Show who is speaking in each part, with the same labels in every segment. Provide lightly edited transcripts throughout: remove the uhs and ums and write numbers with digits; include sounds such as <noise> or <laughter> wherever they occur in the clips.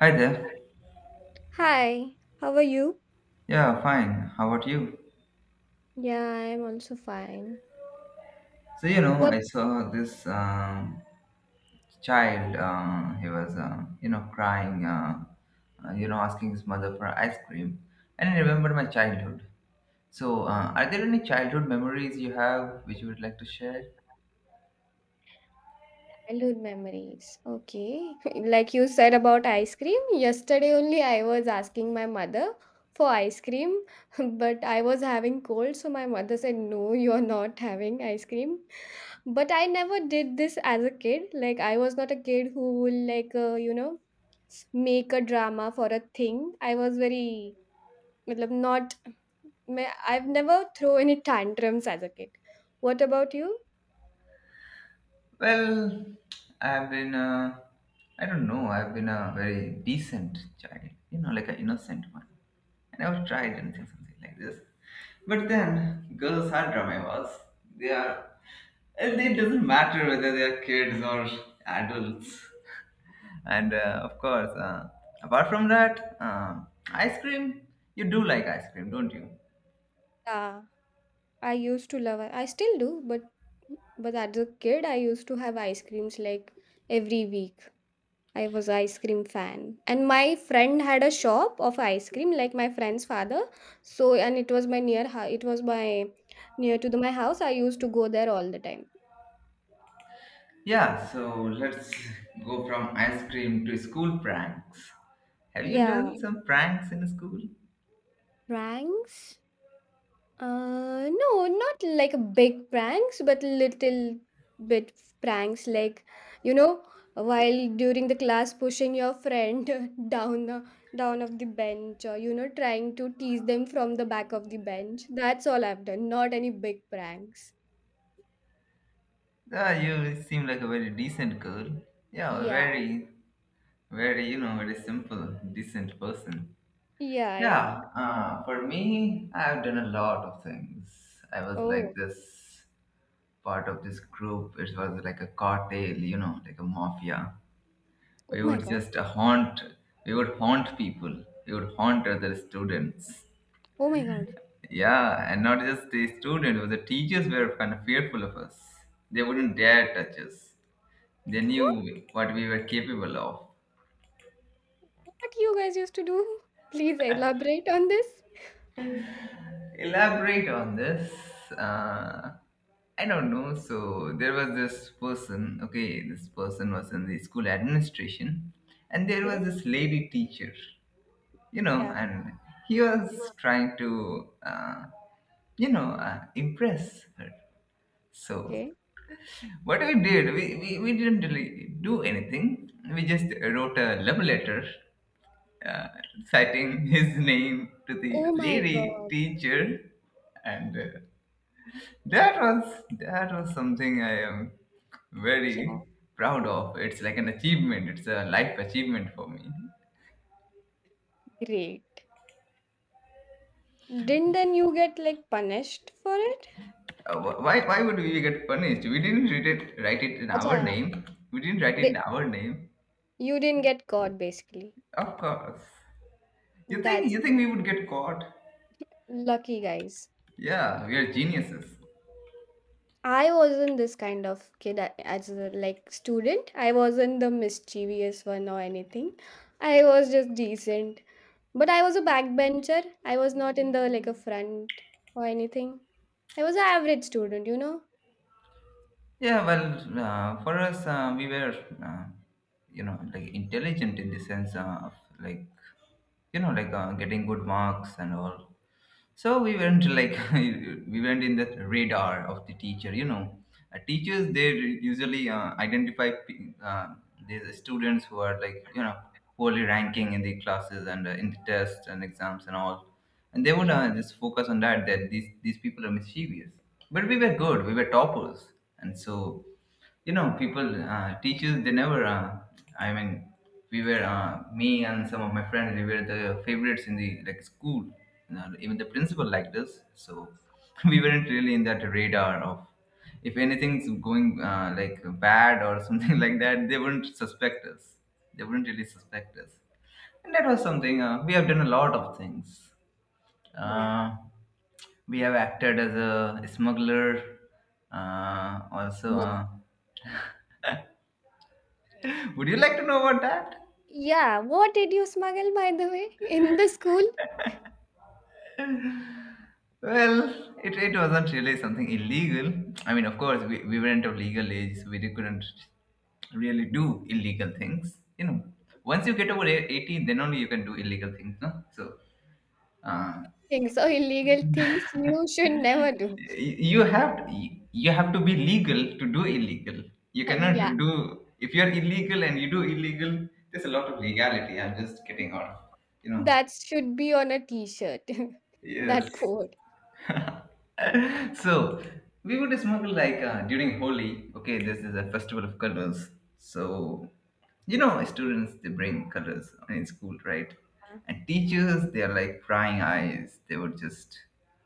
Speaker 1: Hi there.
Speaker 2: Hi, how are you?
Speaker 1: Yeah, fine. How about you?
Speaker 2: Yeah, I'm also fine.
Speaker 1: So, you know,
Speaker 2: What
Speaker 1: I saw this um, child. He was, crying, asking his mother for ice cream. And I remember my childhood. So, are there any childhood memories you have which you would like to share?
Speaker 2: childhood memories? Okay. <laughs> Like you said about ice cream, yesterday only I was asking my mother for ice cream, <laughs> but I was having cold, so my mother said, "No, you're not having ice cream." But I never did this as a kid. Like, I was not a kid who will, like, make a drama for a thing. I was very, matlab, not May I've never thrown any tantrums as a kid. What about you?
Speaker 1: Well, I've been, I don't know, I've been a very decent child, you know, like an innocent one. I never tried anything, something like this. But then, girls are dramas. They are, and it doesn't matter whether they are kids or adults. And of course, apart from that, ice cream, you do like ice cream, don't you?
Speaker 2: Yeah, I used to love. I still do, but as a kid, I used to have ice creams like every week. I was ice cream fan, and my friend had a shop of ice cream, like my friend's father. So, and it was my It was my near to the, my house. I used to go there all the time.
Speaker 1: Yeah, so let's go from ice cream to school pranks. Have you
Speaker 2: Yeah,
Speaker 1: done some pranks in school?
Speaker 2: pranks. No, not like a big pranks, but little bit pranks, like you know, while during the class pushing your friend <laughs> down the down of the bench, or trying to tease them from the back of the bench. That's all I've done. Not any big pranks.
Speaker 1: Ah, you seem like a very decent girl. Yeah,
Speaker 2: Yeah,
Speaker 1: very, very, you know, very simple, decent person.
Speaker 2: yeah, yeah.
Speaker 1: Yeah, for me, I've done a lot of things. I was like
Speaker 2: Oh,
Speaker 1: this part of this group. It was like a cartel, you know, like a mafia.
Speaker 2: oh
Speaker 1: We
Speaker 2: my
Speaker 1: would
Speaker 2: God.
Speaker 1: just haunt, we would haunt people. We would haunt other students.
Speaker 2: Oh my God.
Speaker 1: Yeah, and not just the student, but the teachers were kind of fearful of us. They wouldn't dare touch us. They
Speaker 2: What
Speaker 1: knew what we were capable of.
Speaker 2: what you guys used to do? <laughs> Please elaborate on this.
Speaker 1: Elaborate on this. Uh, I don't know. So there was this person. Okay, this person was in the school administration, and there was
Speaker 2: Okay.
Speaker 1: this lady teacher. You know,
Speaker 2: Yeah.
Speaker 1: and he was
Speaker 2: Yeah.
Speaker 1: trying to, impress her. So
Speaker 2: Okay.
Speaker 1: what we did, we didn't really do anything. We just wrote a love letter uh, citing <laughs> his name to
Speaker 2: Oh
Speaker 1: the
Speaker 2: my
Speaker 1: lady
Speaker 2: God.
Speaker 1: teacher, and that was something I am very
Speaker 2: Yeah.
Speaker 1: proud of. It's like an achievement. It's a life achievement for me.
Speaker 2: Great. Didn't then you get like punished for it?
Speaker 1: Why would we get punished? We didn't write it in our
Speaker 2: Acha.
Speaker 1: name. We didn't write it
Speaker 2: Di-
Speaker 1: in our name.
Speaker 2: You didn't get caught basically.
Speaker 1: Of course. You think
Speaker 2: That's
Speaker 1: you think we would get caught?
Speaker 2: lucky guys.
Speaker 1: Yeah, we are geniuses.
Speaker 2: I wasn't this kind of kid as a like student. I wasn't the mischievous one or anything. I was just decent. But I was a backbencher. I was not in the like a front or anything. I was an average student, you know?
Speaker 1: Yeah, well, for us, we were, uh, like intelligent in the sense of like, getting good marks and all, so we weren't like <laughs> we weren't in the radar of the teacher, you know. Teachers, they usually identify these students who are like, you know, poorly ranking in the classes and in the tests and exams and all, and they would
Speaker 2: Yeah.
Speaker 1: just focus on that, that these people are mischievous, but we were good, we were toppers, and so, you know, people teachers, they never i mean we were, me and some of my friends, we were the favorites in the like school. Now, even the principal liked us, so <laughs> we weren't really in that radar of if anything's going like bad or <laughs> something like that, they wouldn't suspect us, they wouldn't really suspect us. And that was something, we have done a lot of things.
Speaker 2: Yeah.
Speaker 1: uh, we have acted as a smuggler, also
Speaker 2: Smug.
Speaker 1: <laughs> would you like to know about that?
Speaker 2: Yeah, what did you smuggle by the way in the school?
Speaker 1: Well, it wasn't really something illegal. I mean, of course, we weren't of legal age, so we really couldn't really do illegal things. You know, once you get over 18, then only you can do illegal things. No? So, uh,
Speaker 2: Things or illegal things you should never do. <laughs>
Speaker 1: you have to be legal to do illegal. You cannot
Speaker 2: Yeah.
Speaker 1: do if you're illegal and you do illegal. There's a lot of legality. I'm just getting out. You know.
Speaker 2: That should be on a t-shirt, <laughs> that
Speaker 1: Yes.
Speaker 2: quote.
Speaker 1: So we would smoke like during Holi. Okay, this is a festival of colors. So, you know, students, they bring colors in school, right? And teachers, they are like prying eyes. They would just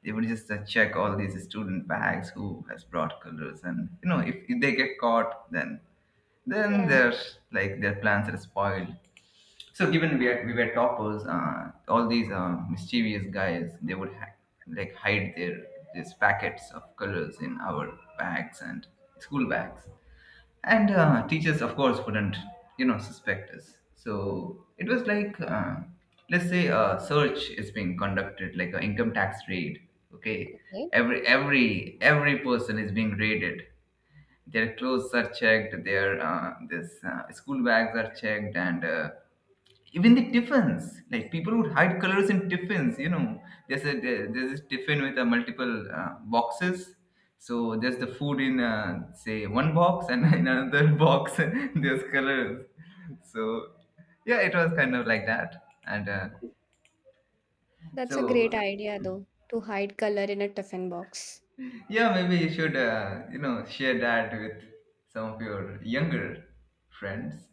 Speaker 1: they would just uh, check all these student bags who has brought colors, and you know if they get caught, then
Speaker 2: Yeah.
Speaker 1: their like their plans are spoiled. So given we were toppers, all these mischievous guys, they would like hide their these packets of colors in our bags and school bags, and teachers, of course, wouldn't, you know, suspect us. So it was like, let's say a search is being conducted, like an income tax raid. Okay,
Speaker 2: Okay,
Speaker 1: every person is being raided, their clothes are checked, their this school bags are checked, and even the tiffins. Like, people would hide colors in tiffins. You know, there's a there's a tiffin with multiple boxes. So there's the food in, say, one box, and <laughs> in another box <laughs> there's colors. So yeah, it was kind of like that, and.
Speaker 2: that's a great
Speaker 1: So
Speaker 2: idea though, to hide color in a tiffin box.
Speaker 1: yeah, maybe you should, you know, share that with some of your younger friends.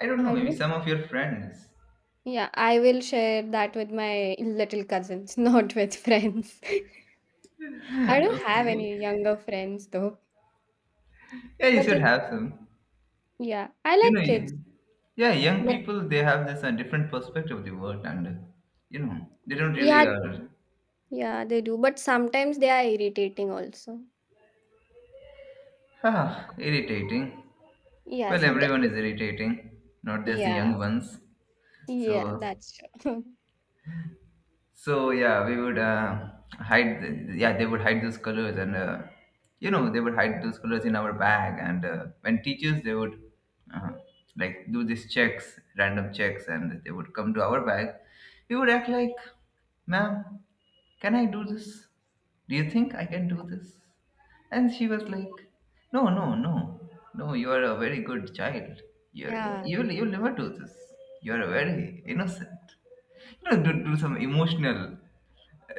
Speaker 1: I don't know,
Speaker 2: I
Speaker 1: maybe
Speaker 2: don't
Speaker 1: some of your friends.
Speaker 2: yeah, I will share that with my little cousins, <laughs> not with friends. <laughs> I
Speaker 1: <laughs>
Speaker 2: don't have
Speaker 1: Okay.
Speaker 2: any younger friends though.
Speaker 1: Yeah, you
Speaker 2: But
Speaker 1: should
Speaker 2: it's
Speaker 1: have some.
Speaker 2: yeah, I
Speaker 1: You
Speaker 2: like
Speaker 1: know,
Speaker 2: kids.
Speaker 1: y- yeah, young
Speaker 2: But
Speaker 1: people, they have this different perspective of the world and, you know, they don't
Speaker 2: yeah,
Speaker 1: really are
Speaker 2: yeah, they do. But sometimes they are irritating also.
Speaker 1: <laughs> ah, irritating.
Speaker 2: Yeah,
Speaker 1: Well,
Speaker 2: sometimes
Speaker 1: everyone is irritating, not just the
Speaker 2: yeah.
Speaker 1: young ones.
Speaker 2: Yeah,
Speaker 1: So,
Speaker 2: that's true. <laughs>
Speaker 1: So yeah, we would yeah, they would hide those colors, and you know, they would hide those colors in our bag. And when teachers, they would uh, like do these checks, random checks, and they would come to our bag. We would act like, "Ma'am, can I do this? Do you think I can do this?" And she was like, "No, no, no, no. You are a very good child. You you
Speaker 2: Yeah,
Speaker 1: you'll you'll never do this. You are very innocent." No, do, do some emotional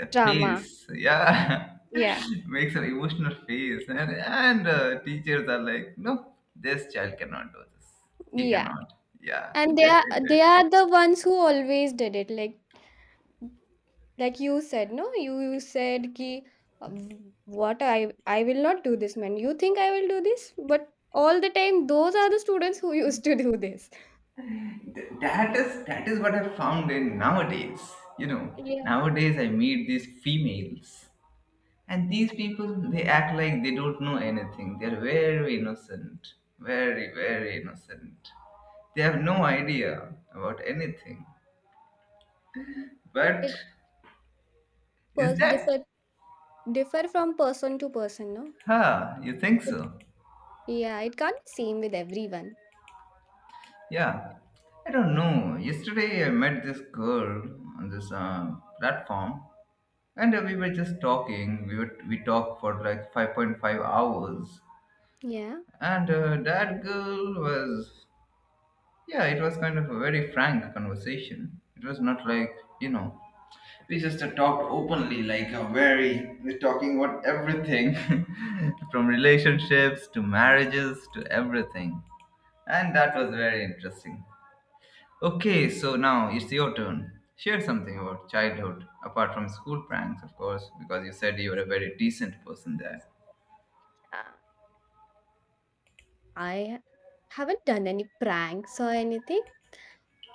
Speaker 2: drama.
Speaker 1: face. Yeah,
Speaker 2: Yeah,
Speaker 1: <laughs> make some emotional face, and teachers are like, no, this child cannot do this. He
Speaker 2: yeah.
Speaker 1: cannot. Yeah,
Speaker 2: And they are
Speaker 1: definitely.
Speaker 2: they are the ones who always did it. Like you said, no, you said ki what I will not do this, man. You think I will do this? But all the time, those are the students who <laughs> used to do this.
Speaker 1: That is what I found in nowadays. You know,
Speaker 2: Yeah,
Speaker 1: nowadays I meet these females, and these people, they act like they don't know anything. They're very innocent, very very innocent. They have no idea about anything, but
Speaker 2: it
Speaker 1: is
Speaker 2: pers-
Speaker 1: that?
Speaker 2: differ differ from person to person, no?
Speaker 1: Huh, you think
Speaker 2: It
Speaker 1: so?
Speaker 2: Yeah, it can't be same with everyone.
Speaker 1: Yeah. I don't know. Yesterday I met this girl on this platform and we were just talking. We were, we talked for like 5.5 hours,
Speaker 2: Yeah,
Speaker 1: and that girl was, yeah, it was kind of a very frank conversation. It was not like, you know, we just talked openly like a very we're talking about everything <laughs> from relationships to marriages to everything. And that was very interesting. Okay, so now it's your turn. Share something about childhood, apart from school pranks, of course, because you said you were a very decent person there.
Speaker 2: uh, I haven't done any pranks or anything.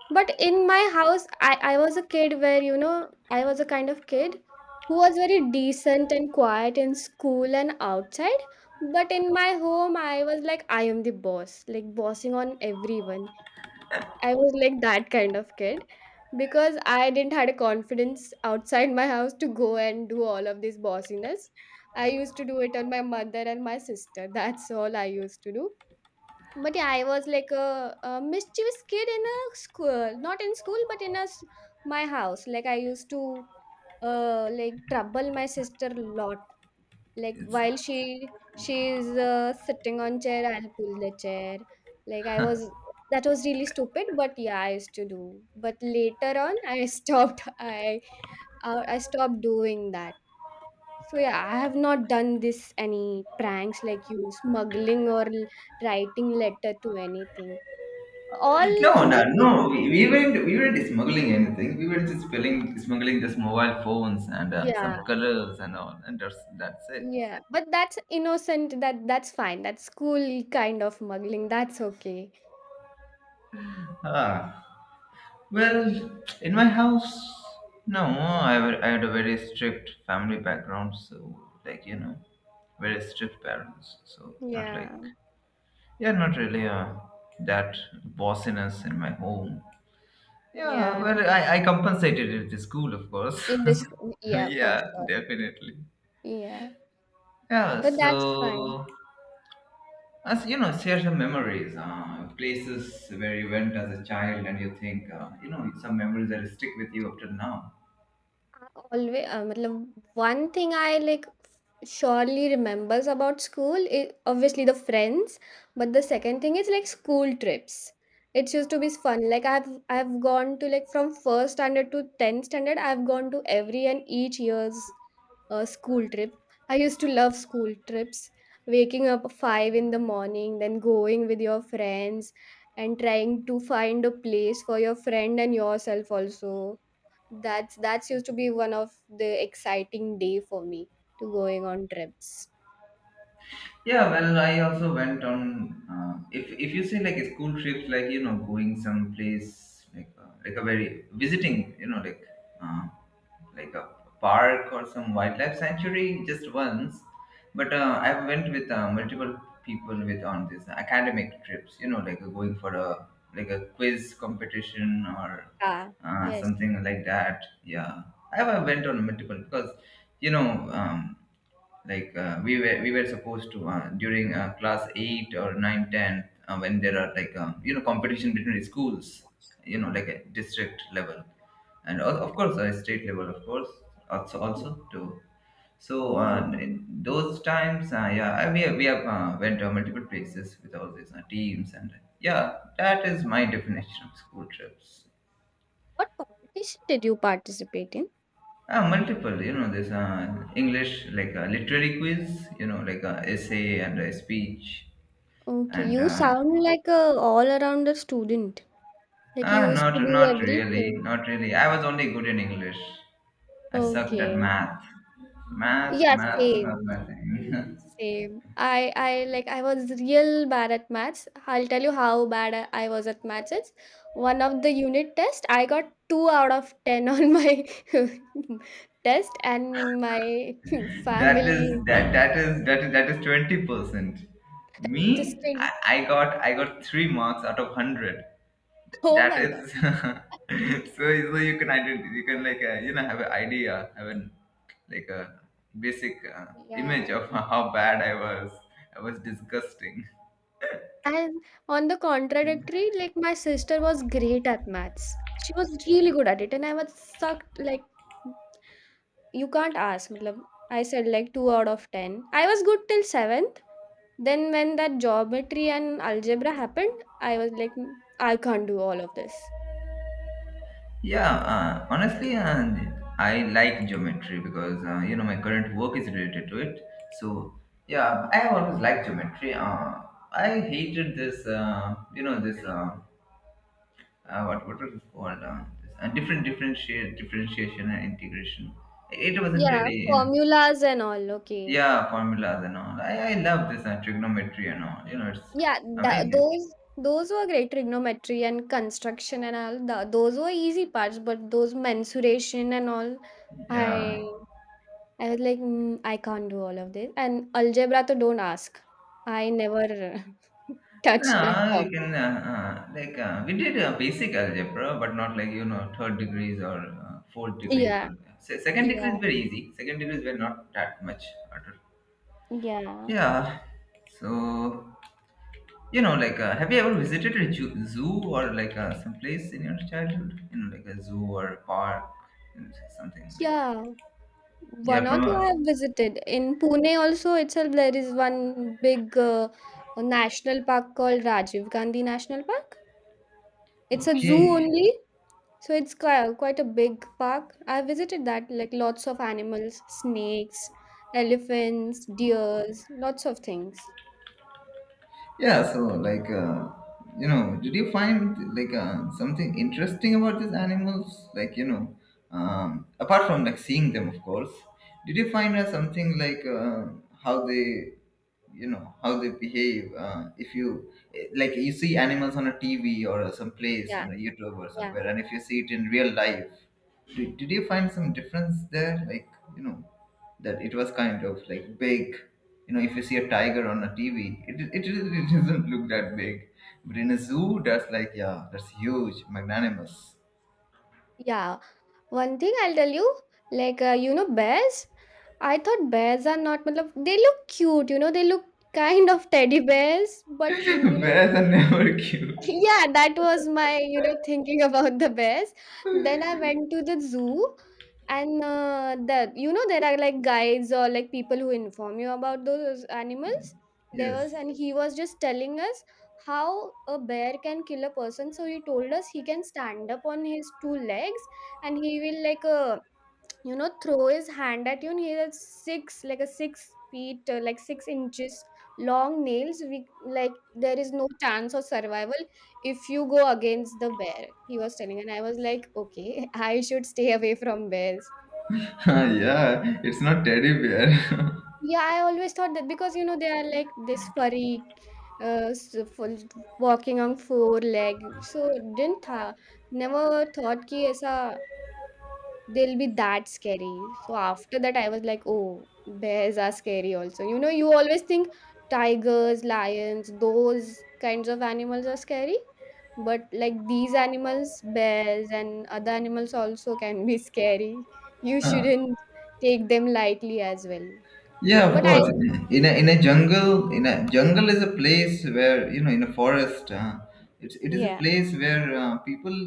Speaker 2: But in my house, I was a kid where, I was a kind of kid who was very decent and quiet in school and outside. But in my home, I was like, I am the boss, like bossing on everyone. I was like that kind of kid because I didn't had a confidence outside my house to go and do all of this bossiness. I used to do it on my mother and my sister. <laughs> That's all I used to do. But yeah, I was like a mischievous kid in a school, not in school, but my house. Like I used to like trouble my sister a lot. Like
Speaker 1: It's,
Speaker 2: while
Speaker 1: uh,
Speaker 2: she's sitting on chair, I'll pull the chair. Like I was that was really stupid, but yeah, I used to do. But later on, I <laughs> stopped. I stopped doing that. So yeah, I have not done this any pranks like you smuggling or writing letter to anything. All
Speaker 1: no, no,
Speaker 2: only thing
Speaker 1: no. We weren't smuggling anything. We were just smuggling just mobile phones and
Speaker 2: yeah.
Speaker 1: some colors and all, and that's it.
Speaker 2: Yeah, but that's innocent. That's fine. That's school kind of muggling. That's okay.
Speaker 1: Ah, well, in my house, no, I had a very strict family background, so like, you know, very strict parents. So not
Speaker 2: Yeah.
Speaker 1: like, yeah, not really that bossiness in my home. Yeah,
Speaker 2: Yeah.
Speaker 1: well, I compensated it with school, of course.
Speaker 2: In this
Speaker 1: <laughs>
Speaker 2: yeah, for
Speaker 1: Yeah,
Speaker 2: sure.
Speaker 1: definitely.
Speaker 2: Yeah.
Speaker 1: Yeah,
Speaker 2: But that's fine.
Speaker 1: so as you know, share some memories, places where you went as a child, and you think, you know, some memories that stick with you up till now.
Speaker 2: Always matlab, one thing I like surely remembers about school is obviously the friends, but the second thing is like school trips. It used to be fun. Like I've gone to like from first standard to 10th standard. I've gone to every and each year's school trip. I used to love school trips. Waking up 5 in the morning, then going with your friends and trying to find a place for your friend and yourself also. That's used to be one of the exciting day for me to going on trips.
Speaker 1: Yeah, well, I also went on. If you say like a school trips, like, you know, going someplace like, like a very visiting, you know, like, uh, like a park or some wildlife sanctuary just once, but I went with multiple people with on these academic trips, you know, like going for a like a quiz competition or
Speaker 2: Ah, yes.
Speaker 1: something like that. Yeah, I went on multiple because, you know, um, like we were supposed to, during class 8 or 9, ten, when there are like you know, competition between the schools, you know, like a district level and of course state level, of course, also also too. So
Speaker 2: Oh,
Speaker 1: in those times, yeah, we have went to multiple places with all these teams, and yeah, that is my definition of school trips.
Speaker 2: what competition did you participate in?
Speaker 1: Ah, multiple, you know, there's english like a literary quiz, you know, like a essay and a speech
Speaker 2: Okay,
Speaker 1: and
Speaker 2: you sound like a all-arounder student. Like you used
Speaker 1: not
Speaker 2: to do
Speaker 1: not really,
Speaker 2: everything.
Speaker 1: not really, I was only good in english. I sucked at
Speaker 2: Okay.
Speaker 1: math. math
Speaker 2: Yeah,
Speaker 1: math not
Speaker 2: same.
Speaker 1: my thing. <laughs>
Speaker 2: Same. I like I was real bad at maths. I'll tell you how bad I was at maths. It's one of the unit test. I got two out of ten on my <laughs> test, and my <laughs> family
Speaker 1: That is that is that is 20%. Me,
Speaker 2: just said,
Speaker 1: I got three marks out of 100.
Speaker 2: "Oh
Speaker 1: That
Speaker 2: my god!"
Speaker 1: is <laughs> so so you can you can like, you know, have an like a basic image
Speaker 2: Yeah.
Speaker 1: of <laughs> how bad I was. I was disgusting.
Speaker 2: And on the contradictory, like my sister was great at maths. She was really good at it, and I was sucked like you can't ask. मतलब, I said like 2 out of 10. I was good till 7th. Then when that geometry and algebra happened, I was like, "Mm, I can't do all of this."
Speaker 1: Yeah, honestly, I like geometry because, you know, my current work is related to it. So yeah, I have always liked geometry. I hated this, this what was it called? This, differentiation and integration. It wasn't
Speaker 2: Yeah,
Speaker 1: really in
Speaker 2: formulas and all. Okay.
Speaker 1: yeah, formulas and all. I love this trigonometry and all. You know, it's
Speaker 2: Yeah,
Speaker 1: amazing.
Speaker 2: those were great trigonometry and construction and all. Those were easy parts, but those mensuration and all,
Speaker 1: Yeah,
Speaker 2: I I was like, mm, I can't do all of this. And algebra, to don't ask. I never <laughs> touched that
Speaker 1: no, we
Speaker 2: topic.
Speaker 1: can we did basic algebra, but not like you know third degrees or fourth degrees
Speaker 2: Yeah.
Speaker 1: or yeah. Second degree
Speaker 2: Yeah.
Speaker 1: is very easy. Second degrees were not that much harder.
Speaker 2: Yeah.
Speaker 1: Yeah, so you know like have you ever visited a zoo or like some place in your childhood? You know, like a zoo or a park, and something like
Speaker 2: Yeah, one
Speaker 1: yeah
Speaker 2: or
Speaker 1: from
Speaker 2: two I
Speaker 1: a
Speaker 2: have visited. In Pune also itself, there is one big national park called Rajiv Gandhi National Park. It's a zoo
Speaker 1: okay.
Speaker 2: only, so it's quite, quite a big park. I visited that, like lots of animals, snakes, elephants, deers, lots of things.
Speaker 1: Yeah, so like you know, did you find like something interesting about these animals? Like you know, apart from like seeing them, of course, did you find something like how they, you know, how they behave? If you like, you see animals on a TV or some place
Speaker 2: Yeah,
Speaker 1: on a YouTube or
Speaker 2: yeah,
Speaker 1: somewhere, and if you see it in real life, did you find some difference there? Like, you know, that it was kind of like big. You know, if you see a tiger on a TV, it really <laughs> doesn't look that big. But in a zoo, that's like, yeah, that's huge, magnanimous.
Speaker 2: yeah. One thing I'll tell you, like you know bears, I thought bears are not matlab, they look cute, they look kind of teddy bears,
Speaker 1: <laughs>
Speaker 2: but.
Speaker 1: Bears are never
Speaker 2: <laughs>
Speaker 1: cute.
Speaker 2: Yeah, that was my thinking about the bears. Then I went to the zoo, and the there are like guides or like people who inform you about those animals. There was
Speaker 1: Yes.
Speaker 2: and he was just telling us how a bear can kill a person. So he told us he can stand up on his two legs, and he will like throw his hand at you, and he has 6 feet, like 6 inches long nails. We like there is no chance of survival if you go against the bear, he was telling, and I was like, okay, <laughs> I should stay away from bears.
Speaker 1: <laughs> Yeah, it's not teddy bear.
Speaker 2: Yeah, I always thought that because you know they are like this furry full, walking on four leg. So didn't tha never thought ki aisa they'll be that scary. So after that, I was like, oh, bears are scary also. You know, you always think tigers, lions, those kinds of animals are scary. But like these animals, bears and other animals also can be <laughs> scary. You
Speaker 1: <laughs>
Speaker 2: shouldn't take them lightly as well.
Speaker 1: Yeah, of
Speaker 2: But I,
Speaker 1: course. In a jungle, in a jungle is a place where you know in a forest. It is a
Speaker 2: Yeah,
Speaker 1: place where people,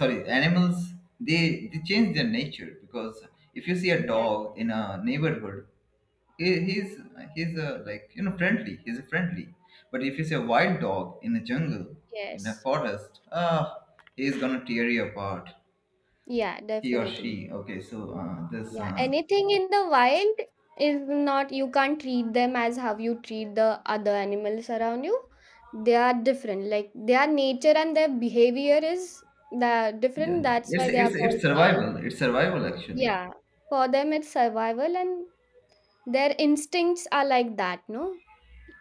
Speaker 1: sorry, animals they change their nature because if you see a
Speaker 2: yeah.
Speaker 1: dog in a neighborhood, he's he's a, like you know friendly. He's a friendly. But if you see a wild dog in a jungle, in a
Speaker 2: Yes,
Speaker 1: forest, ah, he's gonna tear you apart.
Speaker 2: yeah,
Speaker 1: He or
Speaker 2: definitely.
Speaker 1: she. Okay, so this
Speaker 2: Yeah, anything in the wild is not, you can't treat them as how you treat the other animals around you. They are different. Like their nature and their behavior is the
Speaker 1: yeah.
Speaker 2: different. That's
Speaker 1: It's
Speaker 2: why they are
Speaker 1: it's
Speaker 2: called
Speaker 1: it's
Speaker 2: wild.
Speaker 1: survival. It's survival actually.
Speaker 2: Yeah. For them it's survival, and their instincts are like that, no?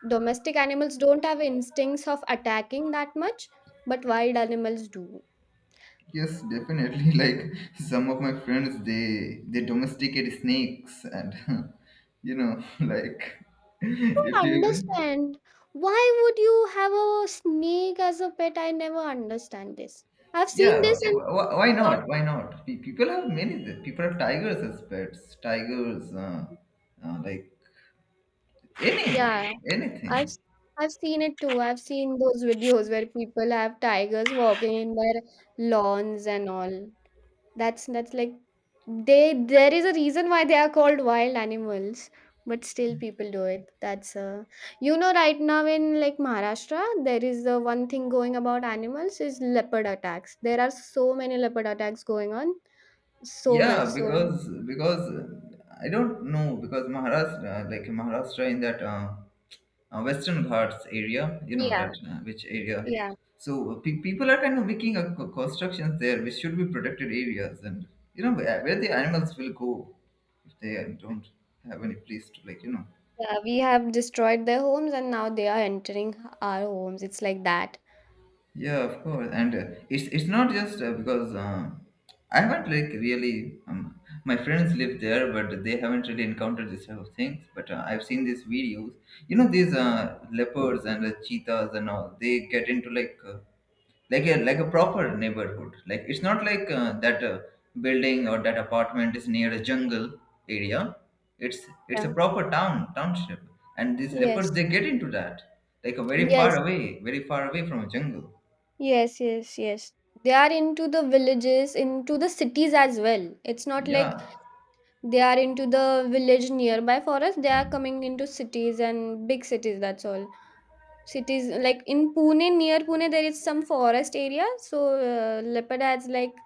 Speaker 2: Domestic animals don't have instincts of attacking that much, but wild animals do.
Speaker 1: Yes, definitely. <laughs> Like some of my friends, they domesticate snakes, and <laughs> you know, <laughs> like if
Speaker 2: Don't
Speaker 1: you,
Speaker 2: understand. Why would you have a snake as a pet? I never understand this. I've seen
Speaker 1: yeah,
Speaker 2: this in
Speaker 1: why
Speaker 2: lot.
Speaker 1: not? Why not? People have many. People have tigers as pets. Tigers, like any
Speaker 2: Yeah,
Speaker 1: anything.
Speaker 2: I've s- I've seen it too. I've seen those videos where people have tigers walking in their lawns and all. That's like they there is a reason why they are called wild animals, but still people do it. That's right now in like Maharashtra there is the one thing going about animals is leopard attacks. There are so many leopard attacks going on. So much.
Speaker 1: Yeah,
Speaker 2: So
Speaker 1: because I don't know because Maharashtra, like Maharashtra in that. Western Ghats area, you know
Speaker 2: yeah,
Speaker 1: that which area.
Speaker 2: yeah.
Speaker 1: So people are kind of making a constructions there, which should be protected areas, and you know where the animals will go if they don't have any place to like you know.
Speaker 2: Yeah, we have destroyed their homes, and now they are entering our homes. It's like that.
Speaker 1: Yeah, of course, and it's not just because I haven't like really my friends live there, but they haven't really encountered this type of things. But I've seen these videos. You know, these leopards and cheetahs and all. They get into like like a proper neighborhood. Like it's not like that building or that apartment is near a jungle area. It's
Speaker 2: Yeah.
Speaker 1: it's a
Speaker 2: Right?
Speaker 1: proper town township, and these leopards
Speaker 2: Yes.
Speaker 1: they get into that like a
Speaker 2: Yes.
Speaker 1: very far away from a jungle.
Speaker 2: Yes. Yes. Yes. They are into the villages, into the cities as well. It's not
Speaker 1: Yeah,
Speaker 2: like they are into the village nearby for us. They are coming into cities and big cities. That's all. Cities like in Pune, near Pune, there is some forest area. So leopard has like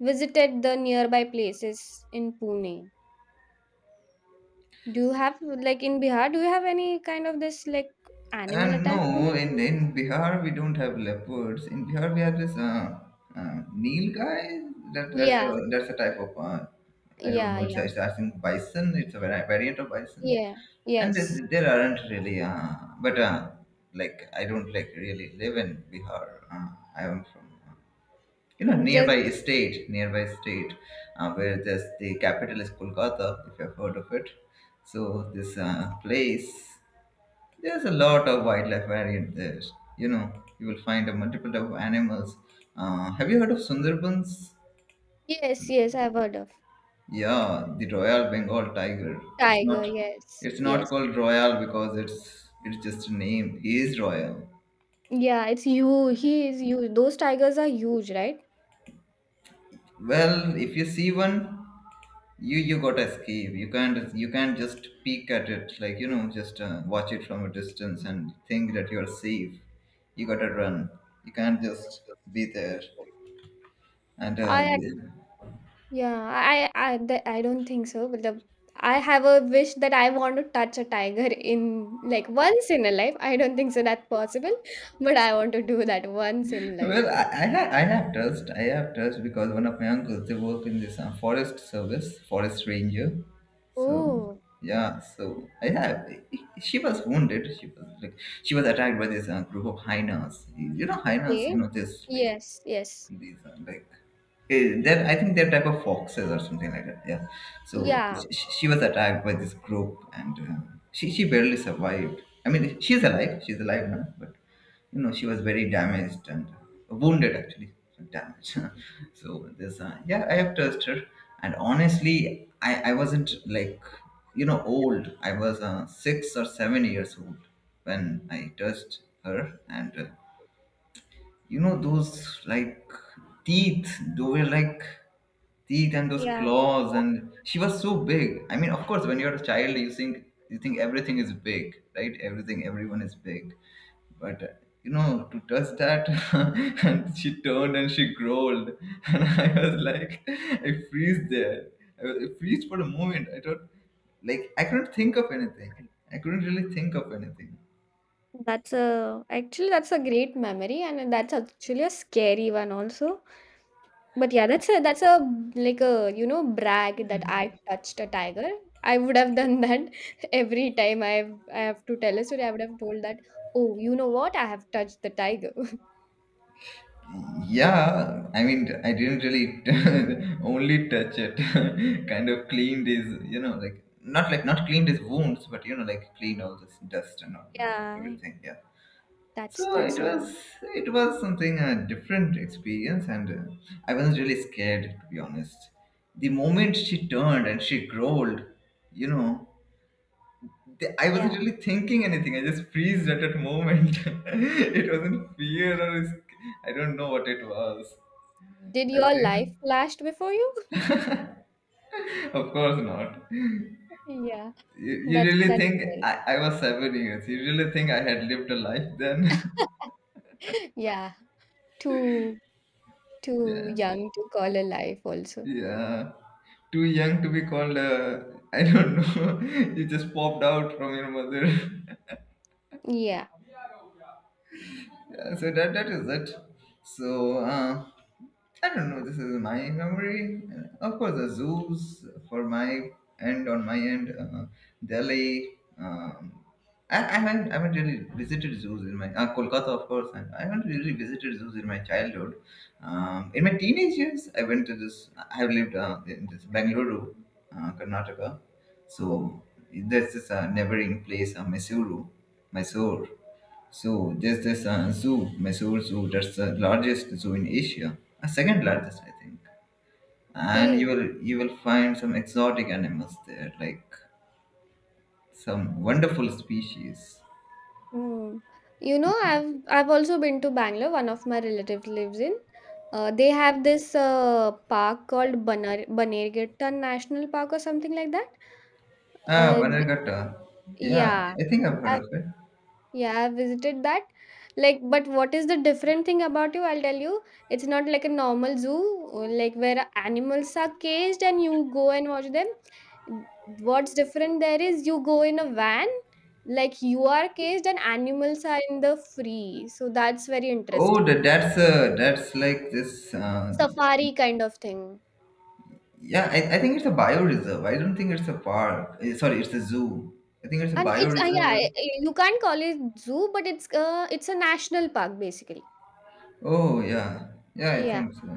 Speaker 2: visited the nearby places in Pune. Do you have like in Bihar? Do you have any kind of this like animal
Speaker 1: and
Speaker 2: attacks? On
Speaker 1: no,
Speaker 2: it?
Speaker 1: in Bihar we don't have leopards. In Bihar we have this Nil guy. That that's a
Speaker 2: Yeah.
Speaker 1: that's a type of I don't
Speaker 2: Yeah.
Speaker 1: know. It's,
Speaker 2: Yeah.
Speaker 1: it's I think bison. It's a variant of bison,
Speaker 2: Yeah.
Speaker 1: and
Speaker 2: Yes.
Speaker 1: there aren't really. But like I don't like really live in Bihar. I am from you know
Speaker 2: Just
Speaker 1: nearby state, where there's the capital is Kolkata. If you've heard of it, so this place. There's a lot of wildlife variant there. You know, you will find a multiple type of animals. Have you heard of Sundarbans?
Speaker 2: Yes, yes, I've heard of
Speaker 1: Yeah, the Royal Bengal tiger. It's
Speaker 2: tiger.
Speaker 1: not.
Speaker 2: Yes,
Speaker 1: It's not
Speaker 2: yes,
Speaker 1: called royal because it's just a name. He is royal.
Speaker 2: yeah. It's huge. He is huge. Those tigers are huge, right?
Speaker 1: Well, if you see one, you gotta escape. You can't just peek at it like you know just watch it from a distance and think that you are safe. You gotta run. You can't just be there. And
Speaker 2: I
Speaker 1: yeah.
Speaker 2: ac- yeah. I don't think so. But the I have a wish that I want to touch a tiger in like once in a life. I don't think so that's possible, but I want to do that once in life.
Speaker 1: Well, I have trust. I have trust because one of my uncles, they work in this forest service, forest ranger. So,
Speaker 2: Oh,
Speaker 1: yeah, so I have. She was wounded. She was like, she was attacked by this group of hyenas. You know, hyenas, you
Speaker 2: okay.
Speaker 1: know, this like
Speaker 2: Yes, yes.
Speaker 1: these are like they're, I think they're type of foxes or something like that. Yeah. So
Speaker 2: Yeah,
Speaker 1: she was attacked by this group, and she barely survived. I mean, she's alive. She's alive now, but you know she was very damaged and wounded actually, damaged. <laughs> So this, yeah, I have trust her, and honestly, I wasn't like you know old. I was 6 or 7 years old when I touched her, and you know those like teeth they were like teeth and those
Speaker 2: yeah.
Speaker 1: claws, and she was so big. I mean, of course, when you're a child, you think everything is big, right? Everything, everyone is big. But you know, to touch that, <laughs> and she turned and she growled. <laughs> And I was like, I freeze there. I freeze for a moment. I thought, like, I couldn't think of anything. I couldn't really think of anything.
Speaker 2: That's a actually that's a great memory, and that's actually a scary one also. But yeah, that's a like a brag that I touched a tiger. I would have done that <laughs> every time I have to tell a story. I would have told that, oh, you know what? I have touched the tiger. <laughs>
Speaker 1: Yeah, I mean, I didn't really <laughs> only touch it, <laughs> kind of cleaned his, you know, like not cleaned his wounds, but you know, like cleaned all this dust and all and
Speaker 2: Yeah,
Speaker 1: everything. Yeah.
Speaker 2: That's
Speaker 1: So
Speaker 2: that's a.
Speaker 1: it was something a different experience, and I wasn't really scared to be honest. The moment she turned and she growled, you know, the, I
Speaker 2: Yeah.
Speaker 1: wasn't really thinking anything. I just freezed at that moment. <laughs> It wasn't fear or I don't know what it was.
Speaker 2: Did
Speaker 1: I
Speaker 2: your
Speaker 1: think,
Speaker 2: life flashed before you?
Speaker 1: of course not.
Speaker 2: <laughs> Yeah,
Speaker 1: You
Speaker 2: that's
Speaker 1: really
Speaker 2: that's
Speaker 1: think
Speaker 2: it.
Speaker 1: I was 7 years? You really think I had lived a life then?
Speaker 2: <laughs> Yeah, too
Speaker 1: <laughs>
Speaker 2: too
Speaker 1: Yeah,
Speaker 2: young to call a life also.
Speaker 1: yeah. Too young to be called. I don't know. <laughs> You just popped out from your mother. <laughs>
Speaker 2: Yeah.
Speaker 1: Yeah, so that that is it. So I don't know. This is my memory. Of course, the zoos for my end on my end, Delhi. I haven't really visited zoos in my Kolkata, of course, and I haven't really visited zoos in my childhood. In my teenage years, I went to this. I have lived in this Bangalore, Karnataka. So there's this neighboring place, Mysuru, Mysore. So, just this zoo, Mysore Zoo, that's the largest zoo in Asia, second largest, I think. And you
Speaker 2: Okay.
Speaker 1: will you will find some exotic animals there, like some wonderful species.
Speaker 2: Mm. You know,
Speaker 1: Yeah.
Speaker 2: I've also been to Bangalore. One of my relatives lives in. They have this park called Banar Banerghatta National Park or something like that.
Speaker 1: Ah,
Speaker 2: Uh, th-
Speaker 1: Vanagatta. Yeah,
Speaker 2: yeah,
Speaker 1: I think I've heard of it.
Speaker 2: yeah, I visited that. Like, but what is the different thing about you? I'll tell you. It's not like a normal zoo, like where animals are caged and you go and watch them. What's different there is you go in a van, like you are caged and animals are in the free. So that's very
Speaker 1: Oh,
Speaker 2: interesting.
Speaker 1: that's like this.
Speaker 2: Safari kind of thing.
Speaker 1: Yeah, I think it's a bioreserve. I don't think it's a park. Eh, sorry, it's a zoo. I think it's a
Speaker 2: And it's yeah,
Speaker 1: bioreserve.
Speaker 2: you can't call it zoo, but it's a national park basically.
Speaker 1: Oh yeah, yeah, I
Speaker 2: Yeah,
Speaker 1: think so.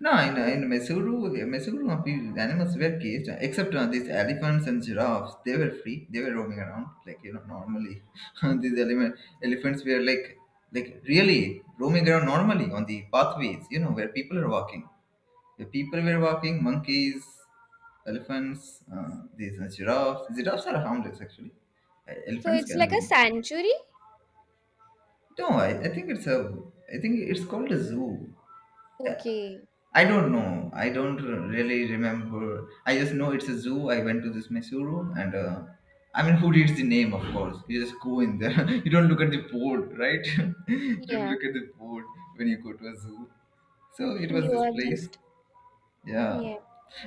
Speaker 1: No, in
Speaker 2: yeah.
Speaker 1: in Mysuru, Mysuru people, animals were caged except these elephants and giraffes. They were free. They were roaming around like you know normally. <laughs> These elephants were like really roaming around normally on the pathways. You know where people are walking. The people were walking. Monkeys, elephants, these giraffes. Giraffes are harmless actually.
Speaker 2: So
Speaker 1: Elephants
Speaker 2: it's
Speaker 1: can
Speaker 2: like a
Speaker 1: be.
Speaker 2: sanctuary.
Speaker 1: No, I think it's a. I think it's called a zoo. Uh,
Speaker 2: Okay.
Speaker 1: I don't know. I don't really remember. I just know it's a zoo. I went to this Mysuru, and I mean, who reads the name? Of course, you just go in there. <laughs> You don't look at the board, right? <laughs> You don't
Speaker 2: Yeah.
Speaker 1: look at the board when you go to a zoo. So it was
Speaker 2: You
Speaker 1: this
Speaker 2: are
Speaker 1: place.
Speaker 2: just,
Speaker 1: Yeah.
Speaker 2: yeah.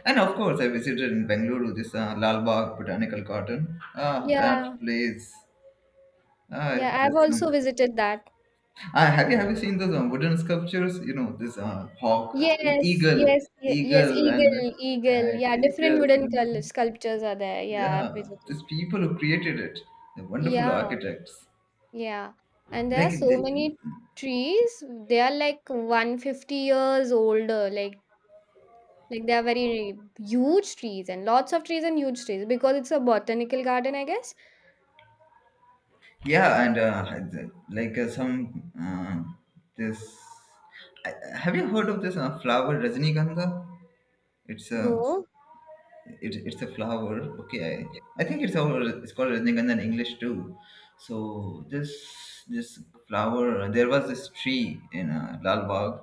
Speaker 1: And of course, I visited in Bengaluru this Lal Bagh Botanical Garden. Ah, that
Speaker 2: Yeah,
Speaker 1: place. Ah,
Speaker 2: yeah,
Speaker 1: it's
Speaker 2: I've
Speaker 1: just
Speaker 2: also
Speaker 1: some.
Speaker 2: visited that.
Speaker 1: Have you seen those wooden sculptures? You know, this hawk,
Speaker 2: Yes,
Speaker 1: eagle,
Speaker 2: yes, yes,
Speaker 1: eagle, and
Speaker 2: eagle, eagle.
Speaker 1: uh,
Speaker 2: Yeah, different
Speaker 1: eagles,
Speaker 2: wooden
Speaker 1: and
Speaker 2: sculptures are there. Yeah, I've
Speaker 1: yeah,
Speaker 2: visited.
Speaker 1: these people who created it, the wonderful
Speaker 2: Yeah,
Speaker 1: architects.
Speaker 2: yeah. And there are
Speaker 1: Like,
Speaker 2: so
Speaker 1: they,
Speaker 2: many trees. They are like 150 years older. Like, they are very huge trees and lots of trees and huge trees because it's a botanical garden, I guess.
Speaker 1: yeah, and the- like some this. I, have you heard of this flower Rajnikantha? It's a
Speaker 2: No,
Speaker 1: it, it's a flower. Okay, I think it's our it's called Rajnikandha in English too. So this this flower, there was this tree in Lal Bagh,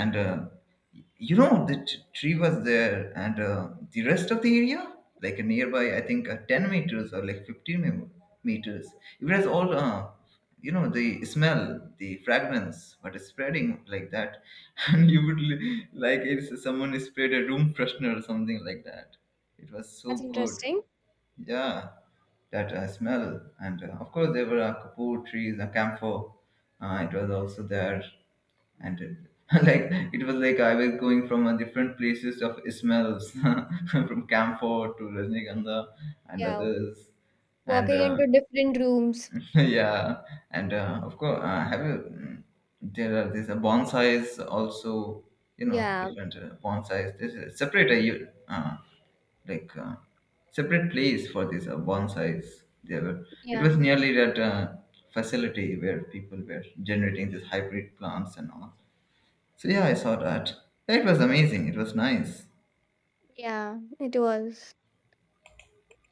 Speaker 1: and you know the tree was there, and the rest of the area, like nearby, I think 10 meters or like 15 meters, it was all you know the smell, the fragrance what is spreading like that. <laughs> And you would like, if someone sprayed a room freshener or something like that, it was so
Speaker 2: that's
Speaker 1: good.
Speaker 2: interesting.
Speaker 1: Yeah, that smell. And of course, there were kapur trees, a camphor. It was also there. And <laughs> like, it was like I was going from different places of smells <laughs> from camphor to Rajnikandha and
Speaker 2: Yeah,
Speaker 1: others. And
Speaker 2: walking into different rooms.
Speaker 1: <laughs> yeah. And of course have you there are these bonsais also, you know,
Speaker 2: Yeah,
Speaker 1: different bonsais. This is separate, you like separate place for these bonsais. There were it was
Speaker 2: yeah.
Speaker 1: nearly that facility where people were generating these hybrid plants and all. So yeah, I saw that. It was amazing. It was nice.
Speaker 2: Yeah, it was.